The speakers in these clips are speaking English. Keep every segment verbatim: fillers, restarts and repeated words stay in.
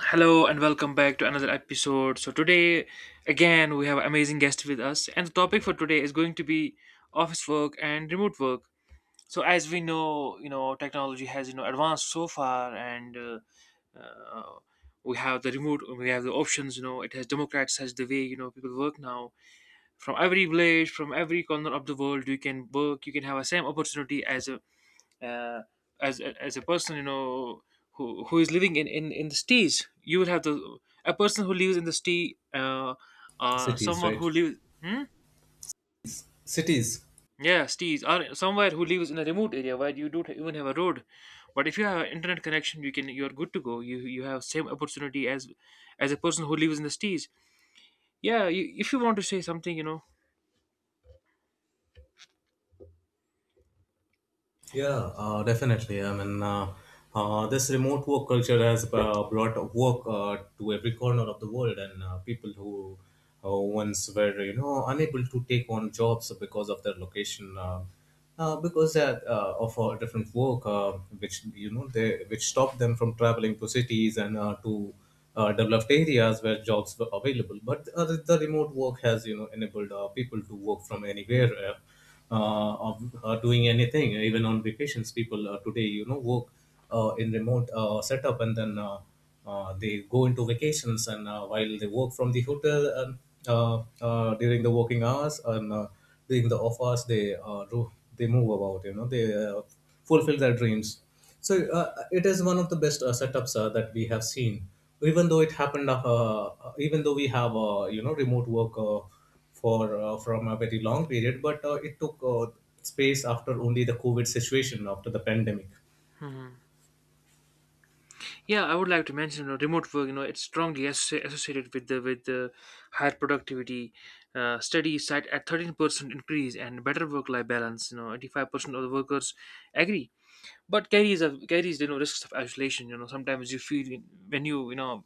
Hello and welcome back to another episode. So today again we have amazing guest with us, and the topic for today is going to be office work and remote work. So as we know, you know, technology has you know advanced so far, and uh, uh, we have the remote we have the options. You know, it has democratized the way you know people work now. From every village, from every corner of the world, you can work, you can have the same opportunity as a uh, as as a person you know who who is living in in in the cities. You will have the a person who lives in the city. uh, uh Cities, Someone right? who lives hmm? Cities. Yeah, cities, or somewhere who lives in a remote area where you don't even have a road. But if you have an internet connection, you can you're good to go. You you have same opportunity as as a person who lives in the cities. Yeah, you, if you want to say something you know Yeah, uh, definitely. I mean, uh, uh, this remote work culture has uh, brought work uh, to every corner of the world, and uh, people who uh, once were, you know, unable to take on jobs because of their location, uh, uh, because uh, uh, of uh, different work, uh, which you know, they which stopped them from traveling to cities and uh, to uh, developed areas where jobs were available. But uh, the the remote work has, you know, enabled uh, people to work from anywhere. Uh, uh, of uh, doing anything even on vacations, people uh, today, you know, work uh, in remote uh, setup, and then uh, uh, they go into vacations and uh, while they work from the hotel and uh, uh, during the working hours and uh, during the off hours, they uh, ro- they move about, you know, they uh, fulfill their dreams. So uh, it is one of the best uh, setups uh, that we have seen. Even though it happened uh, uh, even though we have uh, you know, remote work uh, for uh, from a very long period, but uh, it took uh, space after only the COVID situation, after the pandemic. hmm. Yeah, I would like to mention, you know, remote work. You know, it's strongly asso- associated with the with the higher productivity. Uh, studies cite a thirteen percent increase and better work life balance. You know, eighty five percent of the workers agree, but carries a, carries, you know risks of isolation. You know, sometimes you feel when you you know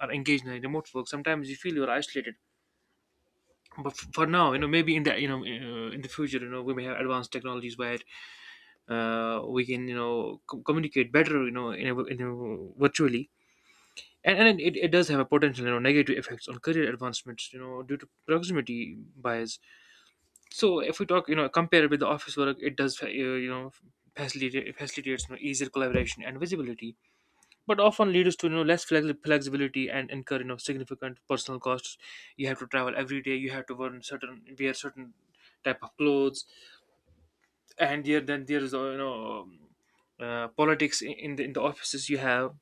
are engaged in remote work, sometimes you feel you are isolated. But f- for now, you know, maybe in the you know uh, in the future, you know, we may have advanced technologies where uh, we can, you know co- communicate better, you know, in a, in a, virtually. And, and it, it does have a potential, you know, negative effects on career advancements, you know, due to proximity bias. So if we talk, you know, compare with the office work, it does, uh, you know, facilitate facilitates, you know, easier collaboration and visibility, but often leads to, you know, less flexi- flexibility, and incur, you know, significant personal costs. You have to travel every day, you have to wear certain wear certain type of clothes. And there Then there is uh, you know um, uh, politics in in the, in the offices you have.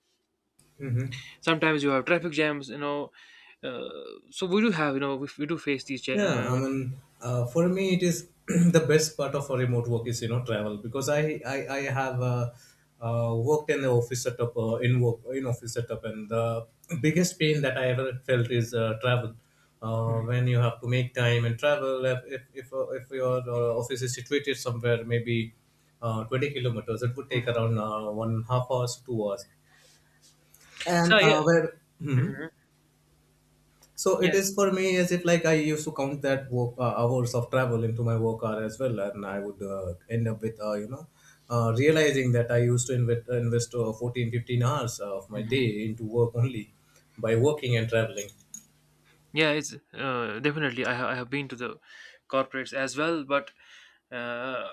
Hmm. Sometimes you have traffic jams, you know. uh, so we do have, you know, we, we do face these ja- Yeah, I uh, mean, uh, for me, it is the best part of a remote work is, you know, travel, because I I, I have uh, uh, worked in the office setup uh, in work in office setup, and the biggest pain that I ever felt is uh, travel. Uh, mhm. when you have to make time and travel, if if if, uh, if your uh, office is situated somewhere, maybe uh, twenty kilometers, it would take Mhm. around uh, one half hours, two hours, and So yeah. uh, where. Mhm. Mhm. So it Yeah. is for me as if like I used to count that work uh, hours of travel into my work hour as well, and I would uh, end up with uh, you know, uh, realizing that I used to invest invest uh, fourteen fifteen hours of my day Mhm. into work only, by working and traveling. Yeah, it's uh, definitely. I, ha- I have been to the corporates as well, but uh,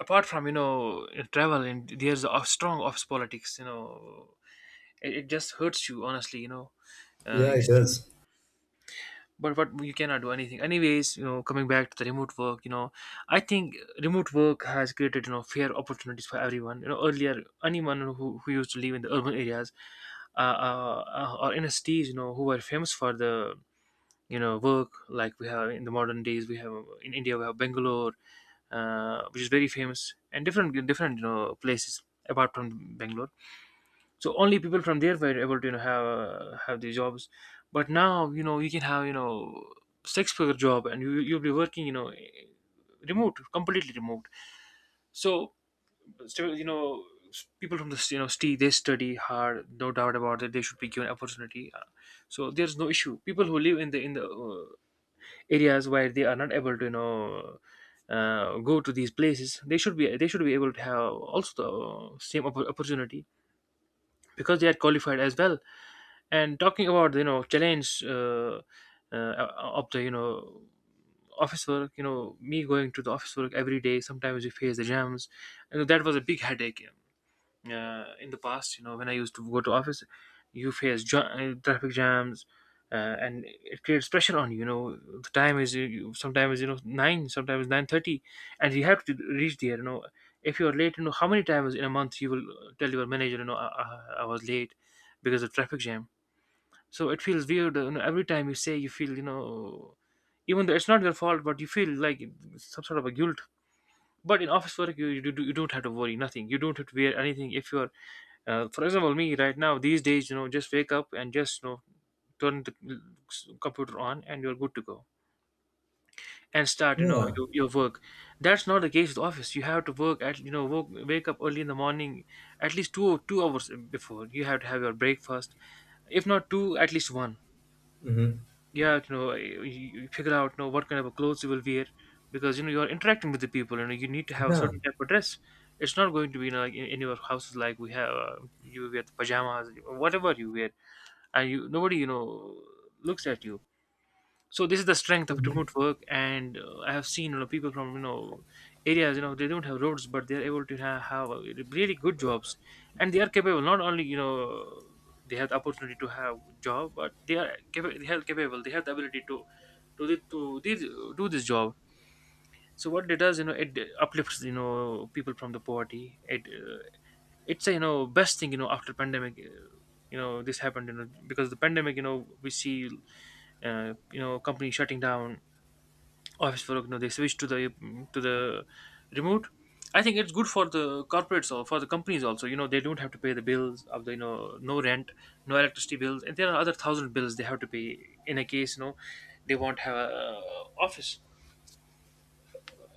apart from, you know, travel, and there's a strong office politics, you know, it, it just hurts you, honestly, you know. uh, Yeah, You it see. does. But what, you cannot do anything anyways, you know. Coming back to the remote work, you know, I think remote work has created, you know, fair opportunities for everyone. You know, earlier, anyone who, who used to live in the urban areas, uh, uh, uh, or in cities, you know, who were famous for the, you know, work. Like we have in the modern days, we have, uh, in India we have Bangalore, uh, which is very famous, and different different, you know, places apart from Bangalore. So only people from there were able to, you know, have uh, have these jobs. But now, you know, you can have, you know, six figure job, and you, you'll be working, you know, eh, remote, completely remote. So still, you know, s- people from this, you know, st- they study hard, no doubt about it. They should be given opportunity. Uh, so there's no issue. People who live in the in the uh, areas where they are not able to, you know, uh, go to these places, they should be they should be able to have also the uh, same oppo- opportunity, because they had qualified as well. And talking about, you know, challenge uh, uh, of the, you know, office work. You know, me going to the office work every day. Sometimes we face the jams, and that was a big headache uh, in the past, you know, when I used to go to office, you face ja- uh, traffic jams, uh, and it creates pressure on you. You know, the time is, you, you- sometimes you know nine, sometimes nine thirty, and you have to reach there, you know. If you're late, you know, how many times in a month you will uh, tell your manager, you know, i, I, I was late because of traffic jam. So it feels weird, you know, every time you say, you feel, you know, even though it's not your fault, but you feel like some sort of a guilt. But in office work, you, you, do, you don't have to worry nothing, you don't have to wear anything. If you're uh, for example, me right now these days, you know, just wake up, and just, you know, turn the computer on, and you're good to go, and start, you know, Yeah. your, your work. That's not the case with office. You have to work at, you know, work, wake up early in the morning, at least two two hours before. You have to have your breakfast. If not two, at least one. Mm-hmm. Yeah, you know, you, you figure out, you know, what kind of clothes you will wear, because, you know, you're interacting with the people. You know, you need to have a Yeah. certain type of dress. It's not going to be, you know, like in, in your houses. Like we have, uh, you wear the pajamas, whatever you wear, and you, nobody, you know, looks at you. So this is the strength of Mm-hmm. remote work. And uh, I have seen, you know, people from, you know, areas, you know, they don't have roads, but they're able to have, have uh, really good jobs. And they are capable. Not only, you know, they have the opportunity to have job, but they are capable, they are capable they have the ability to to thi- to this, do this job. So what it does, you know, it uplifts, you know, people from the poverty. It uh, it's a, you know, best thing, you know, after pandemic. Uh, you know, this happened, you know, because the pandemic, you know, we see uh, you know, company shutting down office work, you know, they switch to the to the remote. I think it's good for the corporates, or for the companies also, you know. They don't have to pay the bills of the, you know, no rent, no electricity bills, and there are other thousand bills they have to pay. In a case, you know, they won't have a uh, office.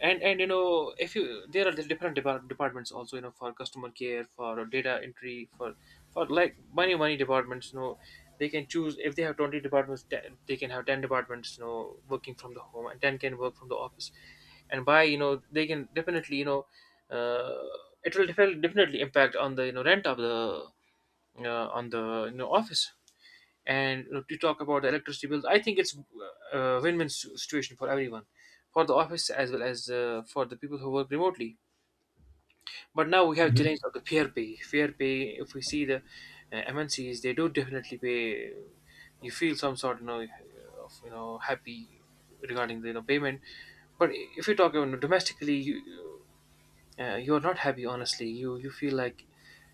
and and you know, if you, there are the different depart- departments also, you know, for customer care, for data entry, for for like many many departments, you know, they can choose if they have twenty departments, ten, they can have ten departments, you know, working from the home, and ten can work from the office. And by, you know, they can definitely, you know, uh, it will defi- definitely impact on the, you know, rent of the uh, on the, you know, office. And, you know, to talk about the electricity bills, I think it's uh, a win-win s- situation for everyone, for the office, as well as uh, for the people who work remotely. But now we have Mm-hmm. challenge of the fair pay, fair pay. If we see the uh, MNCs, they do definitely pay. You feel some sort, you know, of, you know, happy regarding the, you know, payment. But if you talk about domestically, you uh, you're not happy, honestly. you you feel like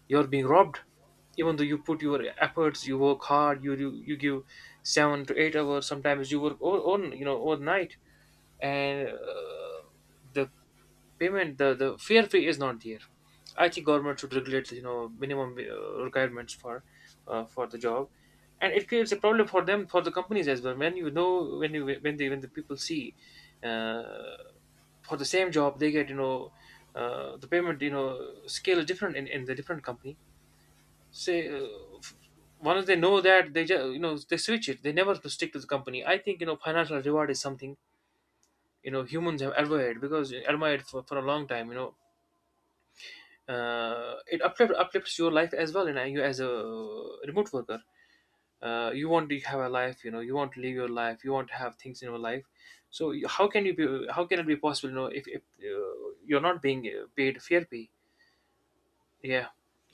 you're being robbed, even though you put your efforts, you work hard, you, you, you give seven to eight hours, sometimes you work all, all, you know, overnight. And uh, the payment, the the fair fee is not there. I think government should regulate, you know, minimum uh, requirements for uh, for the job. And it creates a problem for them, for the companies as well, when, you know, when you when they when the people see uh, for the same job, they get, you know, uh, the payment, you know, scale is different in, in the different company. Say uh, once they know that, they just, you know, they switch it, they never stick to the company. I think, you know, financial reward is something, you know, humans have admired, because admired for, for a long time, you know. Uh, it uplift, uplifts your life as well. And you, as a remote worker, uh, you want to have a life, you know, you want to live your life, you want to have things in your life. So, you- how can you be, how can it be possible, you know, if, if uh, you're not being uh, paid fair pay. Yeah.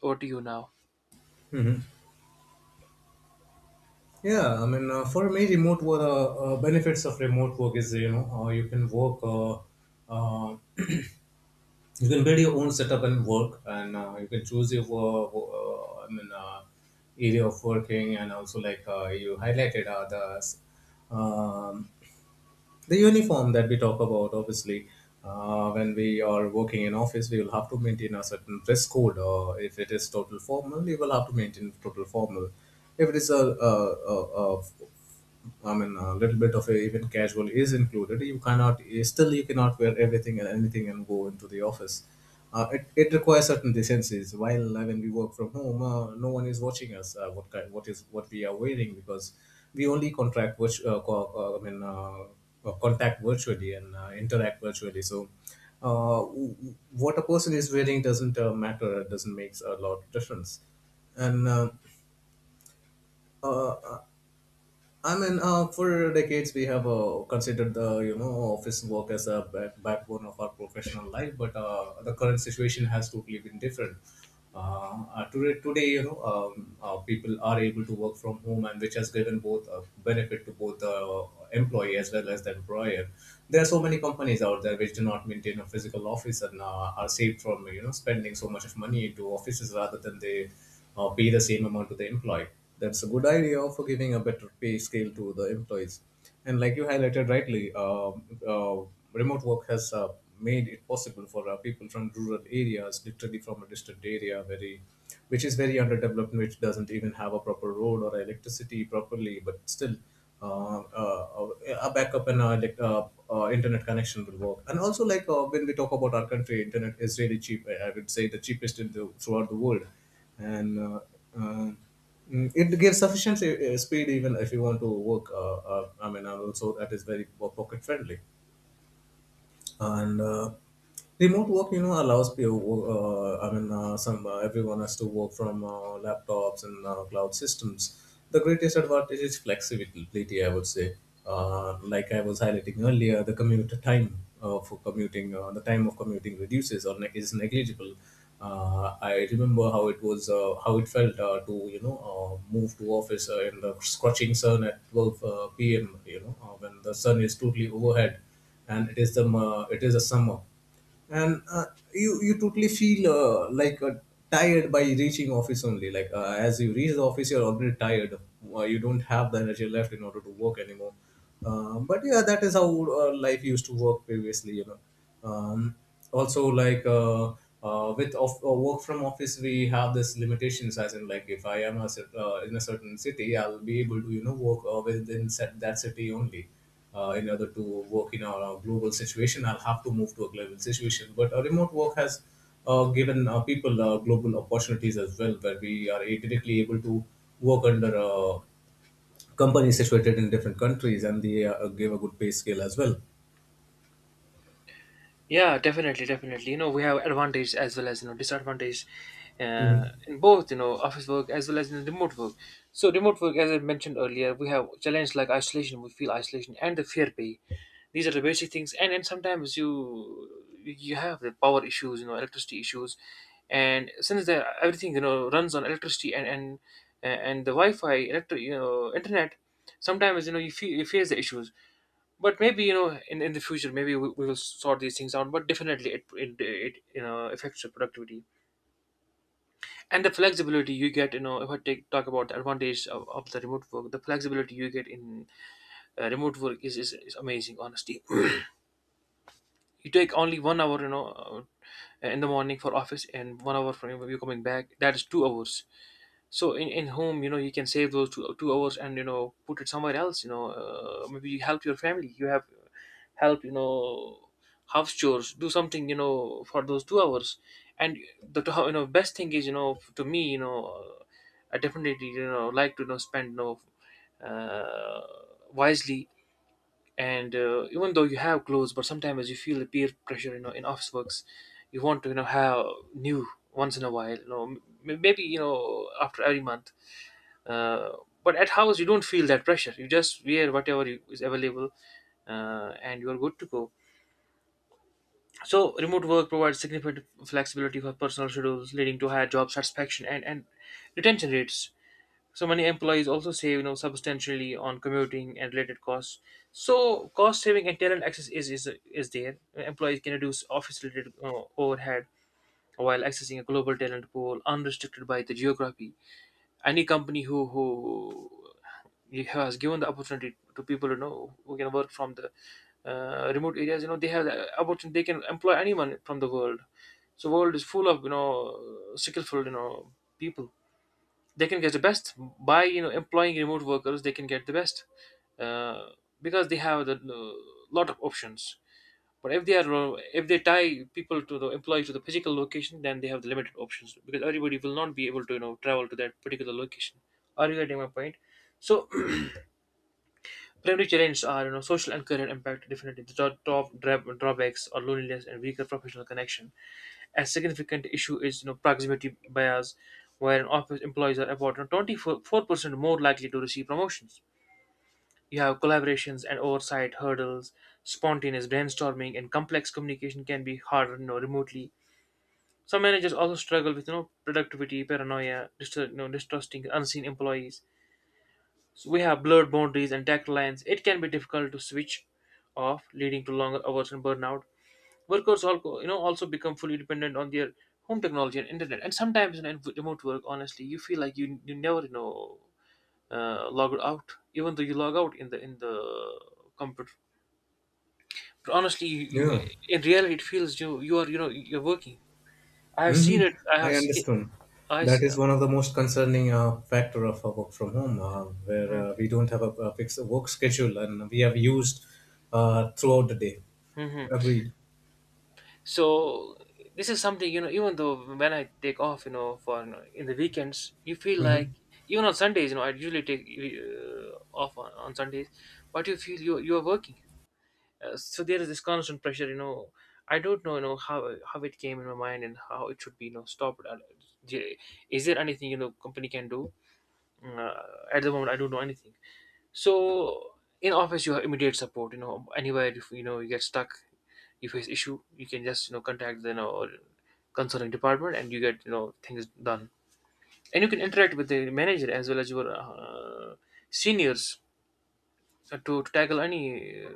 Over to you now. Mm-hmm. Yeah. I mean, uh, for me, remote work, uh, uh, benefits of remote work is, you know, uh, you can work uh, uh, you can build your own setup and work, and uh, you can choose your uh, uh, I mean, uh, area of working. And also, like uh, you highlighted uh, the um, the uniform that we talk about. Obviously uh, when we are working in office, we will have to maintain a certain dress code, or if it is total formal, you will have to maintain total formal. If it is a, a, a, a I mean, a little bit of a, even casual is included. You cannot, still, you cannot wear everything and anything and go into the office. Uh, it, it requires certain decencies. While uh, when we work from home, uh, no one is watching us. Uh, what kind, what is what we are wearing, because we only contract virtu- uh, co- uh, I mean uh, uh, contact virtually and uh, interact virtually. So. Uh, w- w- what a person is wearing doesn't uh, matter. It doesn't make a lot of difference, and uh, uh, I mean, uh, for decades we have uh, considered the, you know, office work as a back- backbone of our professional life, but uh, the current situation has totally been different. Uh, uh, today, today, you know, um, uh, people are able to work from home, and which has given both a benefit to both the employee as well as the employer. There are so many companies out there which do not maintain a physical office and uh, are saved from, you know, spending so much of money into offices, rather than they or pay the same amount to the employee. That's a good idea for giving a better pay scale to the employees. And like you highlighted rightly, uh, uh, remote work has uh, made it possible for uh, people from rural areas, literally from a distant area, very, which is very underdeveloped, which doesn't even have a proper road or electricity properly, but still uh, uh, a backup and a, elect- uh, uh, internet connection will work. And also, like uh, when we talk about our country, internet is really cheap. I I would say the cheapest in the, throughout the world, and uh, um, mm, it gives sufficient uh, speed even if you want to work. Uh, uh, I mean, and also that is very po- pocket friendly, and uh, remote work, you know, allows people uh, I mean uh, some uh, everyone has to work from uh, laptops and uh, cloud systems. The greatest advantage is flexibility, I would say. Uh, like I was highlighting earlier, the commute time uh, for commuting, uh, the time of commuting reduces or ne- is negligible. Uh, I remember how it was, uh, how it felt uh, to, you know, uh, move to office uh, in the scorching sun at twelve uh, p.m., you know, uh, when the sun is totally overhead and it is the uh, it is the summer. And uh, you you totally feel uh, like uh, tired by reaching office only, like uh, as you reach the office, you're already tired. Uh, you don't have the energy left in order to work anymore. Um, but yeah, that is how uh, life used to work previously, you know. Um, also, like uh, uh, with off, uh, work from office, we have this limitations, as in like if I am a, cer- uh, in a certain city, I'll be able to, you know, work uh, within that, that city only, uh, in order to work in a, a global situation, I'll have to move to a global situation. But uh, remote work has uh, given uh, people uh, global opportunities as well, where we are directly able to work under uh, companies situated in different countries, and they uh, give a good pay scale as well. Yeah, definitely, definitely. You know, we have advantage as well as you know disadvantage Hmm. uh, in both you know office work as well as in remote work. So remote work, as I mentioned earlier, we have challenges like isolation. We feel isolation and the fear pay. These are the basic things, and then sometimes you you have the power issues, you know, electricity issues, and since the, everything you know runs on electricity and and and the Wi-Fi, electric, you know, internet. Sometimes you know you, feel, you face the issues, but maybe you know in, in the future, maybe we, we will sort these things out. But definitely it, it it you know affects your productivity. And the flexibility you get, you know if I take talk about the advantage of, of the remote work, the flexibility you get in uh, remote work is, is is amazing, honestly. You take only one hour you know uh, in the morning for office, and one hour from you coming back. That is two hours. So in, in home, you know you can save those two, two hours, and you know put it somewhere else. You know uh, maybe you help your family. You have help, you know house chores, do something, you know for those two hours. And the two- you know best thing is, you know to me, you know uh, I definitely you know like to you know spend, you know uh, wisely. And uh, even though you have clothes, but sometimes you feel the peer pressure, you know in office works. You want to you know have new, once in a while, you know m- maybe you know after every month. uh, but at house, you don't feel that pressure. You just wear whatever you, is available, uh, and you are good to go. So remote work provides significant flexibility for personal schedules, leading to higher job satisfaction and, and retention rates. So many employees also save you know substantially on commuting and related costs. So cost saving and talent access is is, is there. Employees can reduce office related uh, overhead, while accessing a global talent pool unrestricted by the geography. Any company who who has given the opportunity to people, you know who can work from the uh, remote areas, you know they have the opportunity. They can employ anyone from the world. So world is full of, you know skillful, you know people. They can get the best by you know employing remote workers. They can get the best, uh, because they have the uh, lot of options. But if they are uh, if they tie people to the employee to the physical location, then they have the limited options, because everybody will not be able to you know travel to that particular location. Are you getting my point? So primary challenges are, you know social and career impact. Definitely the top, top dra- drawbacks are loneliness and weaker professional connection. A significant issue is, you know proximity bias, where an office employees are about twenty four percent more likely to receive promotions. You have collaborations and oversight hurdles, spontaneous brainstorming, and complex communication can be harder, you know, remotely. Some managers also struggle with, you know, productivity, paranoia, dist- you know, distrusting unseen employees. So we have blurred boundaries and tactile lines. It can be difficult to switch off, leading to longer hours and burnout. Workers also, you know, also become fully dependent on their home technology and internet. And sometimes in remote work, honestly, you feel like you you never you know uh, log out, even though you log out in the in the computer. Honestly, you, you, Yeah. in reality it feels you you are, you know you're working. I have seen Hmm. it. i I have seen understand. I That see. is one of the most concerning uh, factor of uh, work from home, uh, where Mm-hmm. uh, we don't have a, a fixed work schedule, and we have used uh, throughout the day. Mm-hmm. Agreed. So this is something, you know even though when I take off, you know for, you know, in the weekends, you feel like Mhm. even on Sundays, you know I usually take uh, off on, on Sundays. But you feel you you are working. Uh, so there is this constant pressure, you know I don't know, you know how how it came in my mind, and how it should be, you know stopped. Uh, is there anything, you know company can do. uh, at the moment I don't know anything. So in office, you have immediate support. You know, anywhere if you know you get stuck, you face issue, you can just you know contact the you know consulting department, and you get you know things done. And you can interact with the manager as well as your uh, seniors, uh, to, to tackle any uh,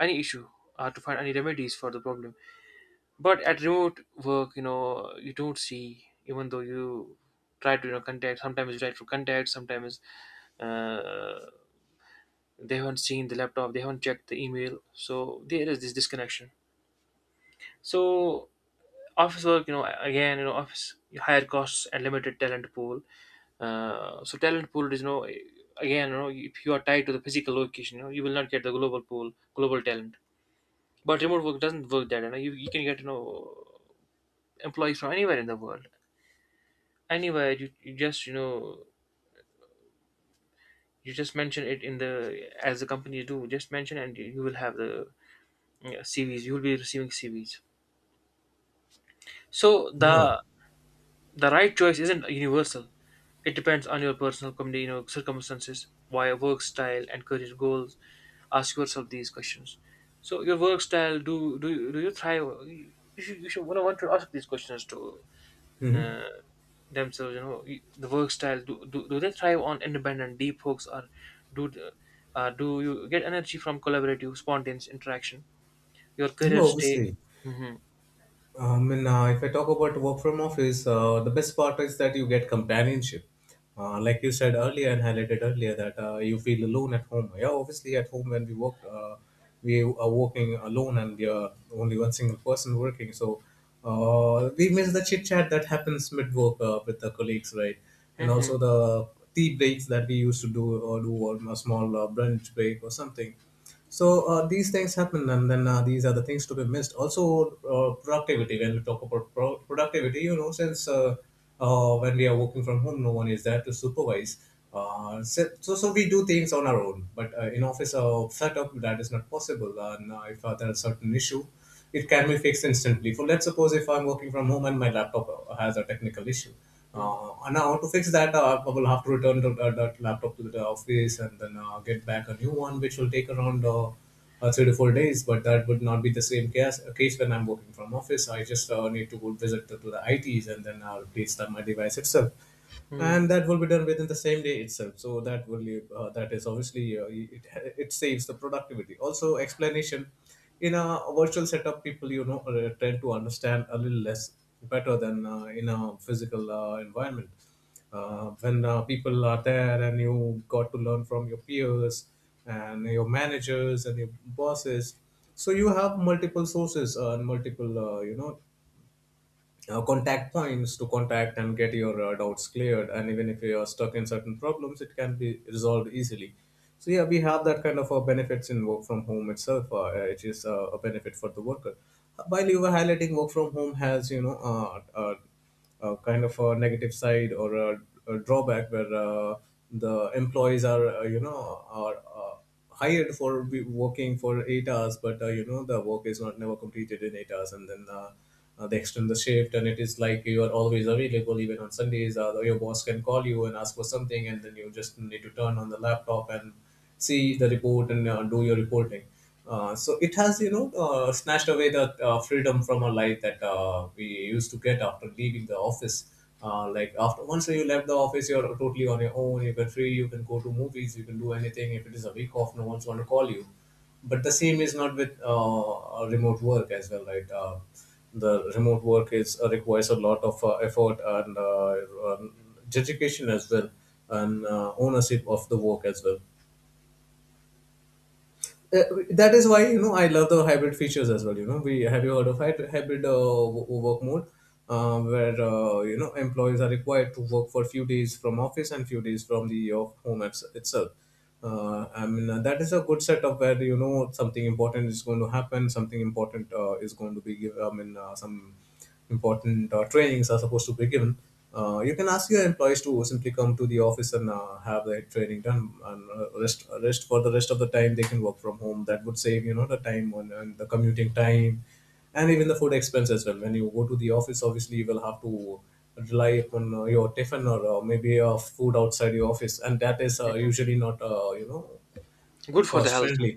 any issue, or to find any remedies for the problem. But at remote work, you know, you don't see, even though you try to, you know contact. Sometimes you try to contact. Sometimes uh, they haven't seen the laptop, they haven't checked the email, so there is this disconnection. So office work, you know again, you know office higher costs and limited talent pool. Uh, so talent pool is, you know again, you know if you are tied to the physical location, you know you will not get the global pool, global talent. But remote work doesn't work that. you know you, you can get, you know employees from anywhere in the world. Anywhere, you, you just you know you just mention it in the, as the companies do, just mention, and you will have the, yeah, C V s. You will be receiving C V s. So Yeah. the the right choice isn't universal. It depends on your personal community, you know, circumstances, why work style and career goals. Ask yourself these questions. So your work style, do do you- do you thrive? You should you should want to want to ask these questions to Hmm. uh, themselves. You know, y- the work style. Do, do do they thrive on independent, deep hooks, or do the- uh, do you get energy from collaborative, spontaneous interaction? Your Yeah, career stay. obviously. Hmm. I mean, uh, if I talk about work from office, uh, the best part is that you get companionship. Uh, like you said earlier and highlighted earlier, that uh, you feel alone at home. Yeah, obviously at home when we work, uh, we are working alone and we are only one single person working. So uh, we miss the chit chat that happens mid work uh, with the colleagues, right? And Hmm. also the tea breaks that we used to do or do, or a small uh, brunch break or something. So uh, these things happen, and then uh, these are the things to be missed. Also, uh, productivity. When we talk about pro- productivity, you know, since uh, uh, when we are working from home, no one is there to supervise. Uh, so, so so we do things on our own. But uh, in office uh, setup, that is not possible. And uh, if uh, there is a certain issue, it can be fixed instantly. For let's suppose if I'm working from home and my laptop uh, has a technical issue, uh, and now to fix that, uh, I will have to return to, uh, that laptop to the office, and then uh, get back a new one, which will take around uh, uh, three to four days. But that would not be the same case, uh, case when I'm working from office. I just uh, need to go visit to, to the I Ts, and then uh, replace that my device itself, and Hmm. that will be done within the same day itself. So that will uh, that is obviously uh, it, it saves the productivity, also explanation. In a virtual setup, people, you know, uh, tend to understand a little less better than uh, in a physical uh, environment. Uh, when uh, people are there, and you got to learn from your peers and your managers and your bosses. So you have multiple sources uh, and multiple uh, you know, uh, contact points to contact and get your uh, doubts cleared. And even if you are stuck in certain problems, it can be resolved easily. So yeah, we have that kind of uh, benefits in work from home itself, uh, which is uh, a benefit for the worker. Uh, While you were highlighting, work from home has you know uh, uh, uh, kind of a negative side or a, a drawback where uh, the employees are uh, you know are uh, hired for be- working for eight hours, but uh, you know the work is not never completed in eight hours, and then uh, uh, they extend the shift and it is like you are always available even on Sundays. Uh, your boss can call you and ask for something, and then you just need to turn on the laptop and see the report and uh, do your reporting. Uh, so it has, you know, uh, snatched away the uh, freedom from our life that uh, we used to get after leaving the office. Uh, like after once you left the office, you're totally on your own. You can free, you can go to movies, you can do anything. If it is a week off, no one's going to call you. But the same is not with uh, remote work as well, right? Uh, the remote work is uh, requires a lot of uh, effort and uh, um, dedication as well, and uh, ownership of the work as well. uh, that is why, you know, I love the hybrid features as well. You know, we have, you heard of hy- hybrid uh, w- work mode, uh, where uh, you know employees are required to work for few days from office and few days from the uh, home apps itself. Uh, I mean, uh, that is a good setup where, you know, something important is going to happen, something important uh, is going to be given. I mean, uh, some important uh, trainings are supposed to be given. Uh, you can ask your employees to simply come to the office and uh, have the training done, and uh, rest rest for the rest of the time they can work from home. That would save, you know, the time on and the commuting time, and even the food expense as well. When you go to the office, obviously you will have to rely upon uh, your tiffin or uh, maybe uh, food outside your office, and that is uh, usually not uh, you know Good for the cost health. friendly,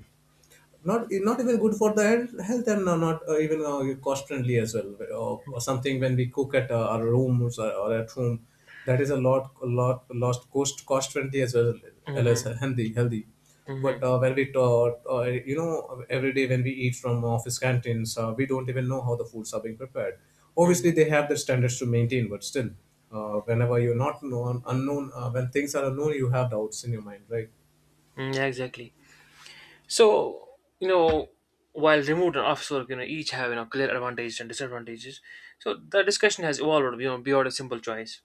not not even good for the health health, and uh, not uh, even uh, cost friendly as well, uh, or, or something. When we cook at uh, our rooms, or, or at home, that is a lot a lot lost cost cost friendly as well as Mm-hmm, healthy healthy. But mm-hmm, uh, when we talk, uh, you know every day when we eat from office canteens, uh, we don't even know how the foods are being prepared. mm-hmm. Obviously they have the standards to maintain, but still, uh, whenever you're not known unknown, uh, when things are unknown, you have doubts in your mind, right? Mm, yeah, exactly. So, you know, while remote and office work, you know, each have, you know, clear advantages and disadvantages. So the discussion has evolved, you know, beyond a simple choice.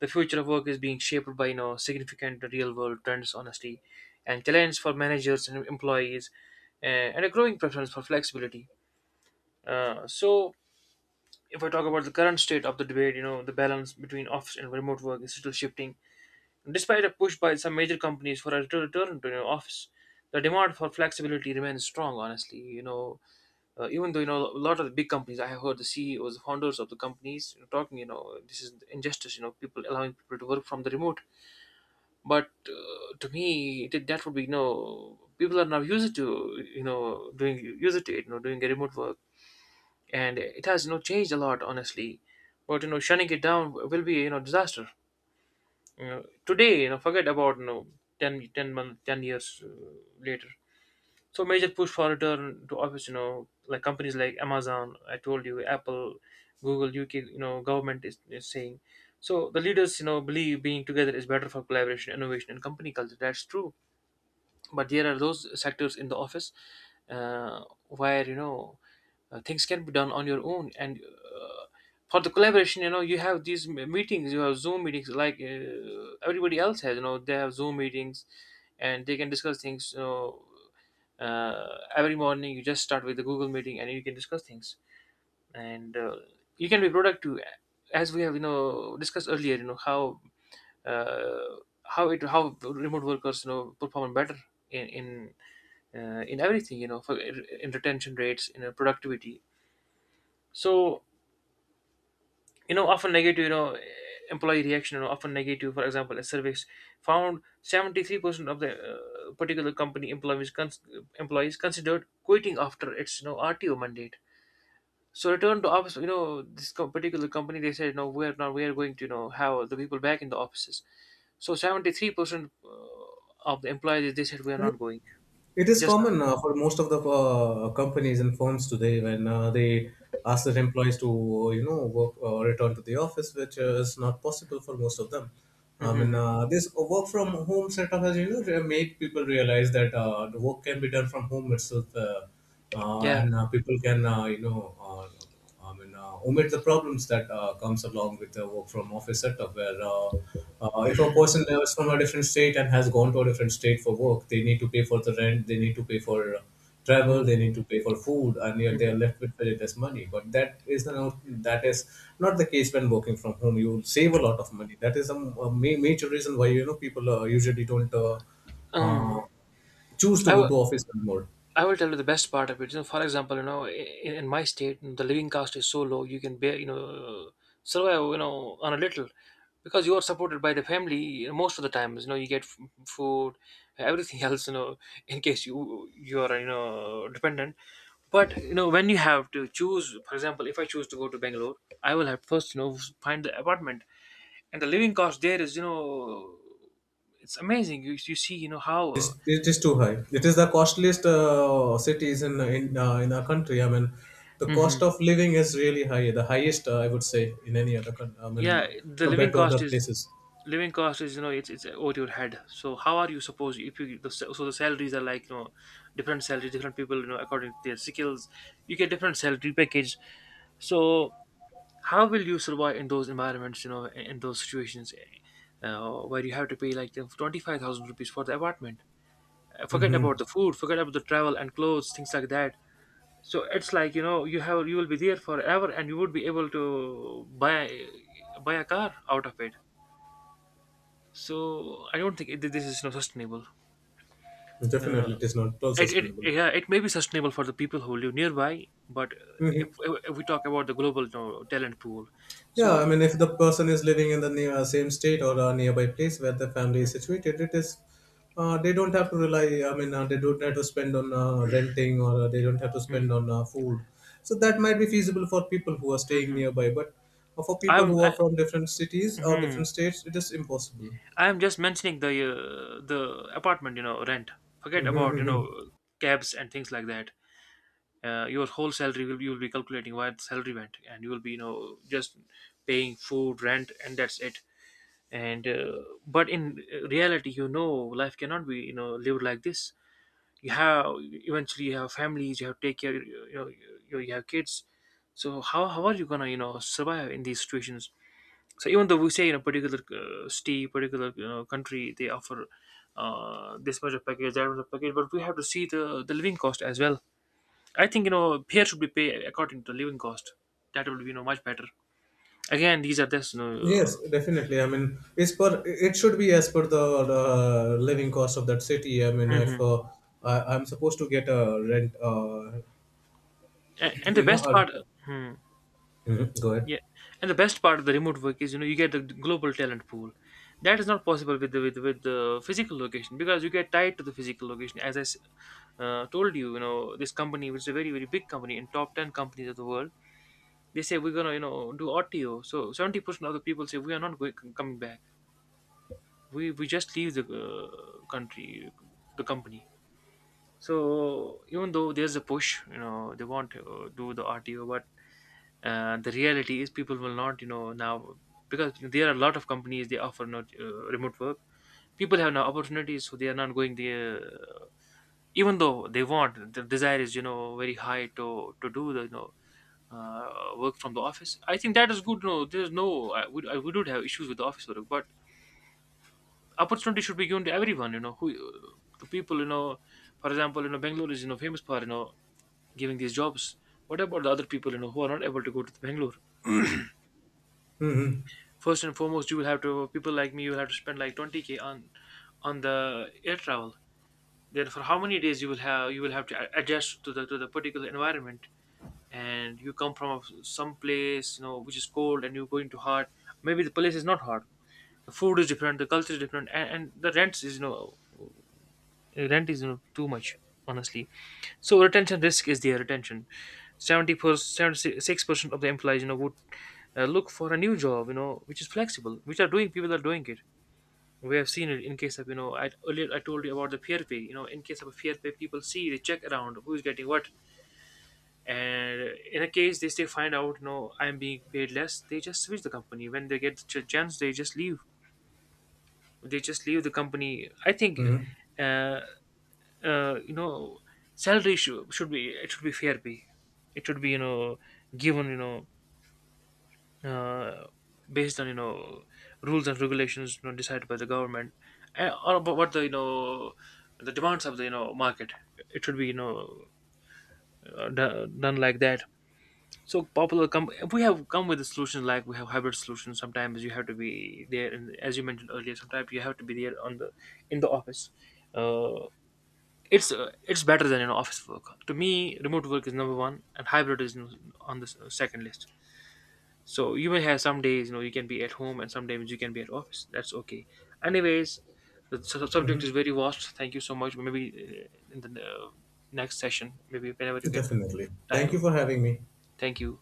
The future of work is being shaped by, you know, significant real world trends, honestly, and challenges for managers and employees, uh, and a growing preference for flexibility. Uh, so if I talk about the current state of the debate, you know, the balance between office and remote work is still shifting. Despite a push by some major companies for a retur- return to your office, the demand for flexibility remains strong. Honestly, you know, uh, even though you know a lot of the big companies, I have heard the C E Os, the founders of the companies, you know, talking. You know, this is injustice. You know, people allowing people to work from the remote. But uh, to me, that that would be, you know, people are now used to, you know doing used to it. You know, doing a remote work, and it has you know changed a lot. Honestly. But you know, shutting it down will be you know disaster. Uh, today, you know forget about, you know ten ten month ten years uh, later. So major push for return to office, you know like companies like Amazon, I told you, Apple, Google, U K, you know government is, is saying. So the leaders, you know believe being together is better for collaboration, innovation and company culture. That's true. But there are those sectors in the office, uh, where, you know uh, things can be done on your own. And uh, for the collaboration, you know you have these m- meetings. You have Zoom meetings, like uh, everybody else has, you know they have Zoom meetings. And they can discuss things, you know uh, every morning you just start with the Google meeting, and you can discuss things, and uh, you can be productive. As we have you know discussed earlier, you know how, uh, how it how remote workers, you know perform better in in uh, in everything, you know for in retention rates, in uh, productivity. So, you know often negative, you know employee reaction, you know often negative. For example, a survey found seventy three percent of the uh, particular company employees cons- employees considered quitting after its, you know R T O mandate. So return to office. You know, this co- particular company, they said no, we're not. We are going to, you know have the people back in the offices. So seventy three percent uh, of the employees, they said we are not going. It is Just. common uh, for most of the uh, companies and firms today when uh, they ask their employees to uh, you know work uh, return to the office, which uh, is not possible for most of them. I mean, Mhm. uh, this work from home setup has, you know, re- made people realize that uh, the work can be done from home itself. Uh, uh, Yeah. and uh, people can uh, you know uh, I mean uh, omit the problems that uh, comes along with the work from office setup where uh, uh, if a person is from a different state and has gone to a different state for work, they need to pay for the rent, they need to pay for uh, travel, Mm-hmm. they need to pay for food, and yet they are left with very less money. But that is not, that is not the case when working from home. You will save a lot of money. That is a, a ma- major reason why, you know, people uh, usually don't uh, uh, Um, choose to I, go w- to office anymore. I will tell you the best part of it. You know, for example, you know, in, in my state, the living cost is so low you can bear, you know, survive, you know, on a little, because you are supported by the family you know, most of the times. You know, you get f- food, everything else, you know, in case you you are, you know, dependent. But you know, when you have to choose, for example, if I choose to go to Bangalore, I will have first, you know, find the apartment, and the living cost there is, you know, it's amazing. You you see, you know how. It's, uh, it is too high. It is the costliest uh, cities in in uh, in our country. I mean, the cost Mhm. of living is really high. The highest, uh, I would say, in any other. coun- I mean, Yeah, uh, the living Compared to other cost is places. living cost is you know it's it's over your head. So how are you supposed, if you the, sa- so the salaries are like you know different salaries different people you know according to their skills, you get different salary package. So how will you survive in those environments, you know, in, in those situations, uh, where you have to pay like 25000 rupees for the apartment. Uh, forget Hmm. about the food, forget about the travel and clothes, things like that. So it's like, you know, you have you will be there forever, and you would be able to buy buy a car out of it. So I don't think it, this is not sustainable. Uh, Definitely, it is not at all it, it sustainable. yeah, it may be sustainable for the people who live nearby, but uh, if, if we talk about the global, you know, talent pool, Yeah, so. I mean, if the person is living in the near, uh, same state or a nearby place where the family is situated, it is uh, they don't have to rely. I mean, uh, they don't have to spend on uh, renting or uh, they don't have to Mhm, spend on uh, food. So that might be feasible for people who are staying mhm. nearby, but for people I'm who are I, from different cities or mhm. different states, it is impossible. I'm just mentioning the uh, the apartment, you know, rent. Forget about, you Mhm. know, cabs and things like that. Uh, your whole salary, will you will be calculating what salary went, and you will be, you know, just paying food, rent, and that's it. And uh, But in reality, you know, life cannot be, you know, lived like this. You have Eventually you have families, you have to take care, you know. You, you have kids. So how, how are you gonna, you know, survive in these situations. So even though we say in a particular uh, state, particular, you know, country, they offer uh, this much of package, that much of package, but we have to see the the living cost as well. I think, you know, here should be paid according to the living cost. That will be, you know, much better. Again, these are this, you know, Yes, uh, definitely. I mean, it's per it should be as per the uh, living cost of that city. I mean, if mhm. uh, I, I'm supposed to get a rent, uh, A- and the you know, best a part hmm. Mhm. Go ahead. Yeah, and the best part of the remote work is, you know, you get the global talent pool. That is not possible with the with, with the physical location, because you get tied to the physical location. As I s- uh, told you, you know, this company, which is a very very big company in top ten companies of the world, they say we're gonna, you know, do R T O. So seventy percent of the people say we are not going, coming back. We we just leave the uh, country, the company. So even though there's a push, you know, they want to do the R T O, but uh, the reality is people will not, you know, now, because there are a lot of companies, they offer not uh, remote work. People have now opportunities, so they are not going there, uh, even though they want, the desire is, you know, very high to to do the, you know, uh, work from the office. I think that is good. No, there's no, i would i would not have issues with the office work, but opportunity should be given to everyone, you know, who, to people, you know. For example, you know, Bangalore is, you know, famous for, you know, giving these jobs. What about the other people, you know, who are not able to go to the Bangalore? Hmm. First and foremost, you will have to, people like me, you will have to spend like twenty k on on the air travel. Then for how many days you will have you will have to a- adjust to the to the particular environment. And you come from a- some place, you know, which is cold, and you're going to hot. Maybe the place is not hot. The food is different. The culture is different, and, and the rents is you know rent is you know too much, honestly. So retention risk is there. Retention, seventy seventy-six percent of the employees, you know, would uh, look for a new job, you know, which is flexible, which are doing people are doing it. We have seen it in case of, you know, I earlier I told you about the fair pay. You know, in case of a peer pay, people see, they check around who is getting what, and in a case they still find out, you know, I am being paid less. They just switch the company when they get the ch- chance. They just leave. They just leave the company, I think. Hmm. Uh, uh, you know, salary should, should be it should be fair pay. It should be, you know, given, you know, uh, based on, you know, rules and regulations, you know, decided by the government, uh, or about what the, you know, the demands of the, you know, market. It should be, you know, uh, do- done like that. So popular come, we have come with the solutions, like we have hybrid solutions. Sometimes you have to be there, and as you mentioned earlier, sometimes you have to be there on the, in the office. Uh, it's uh, it's better than, you know, office work to me. Remote work is number one, and hybrid is, you know, on the s- second list. So you may have some days, you know, you can be at home, and some days you can be at office. That's okay. Anyways, the su- subject is Hmm. very vast. Thank you so much. Maybe uh, in the uh, next session, maybe whenever you get Definitely. Thank you time. for having me. Thank you.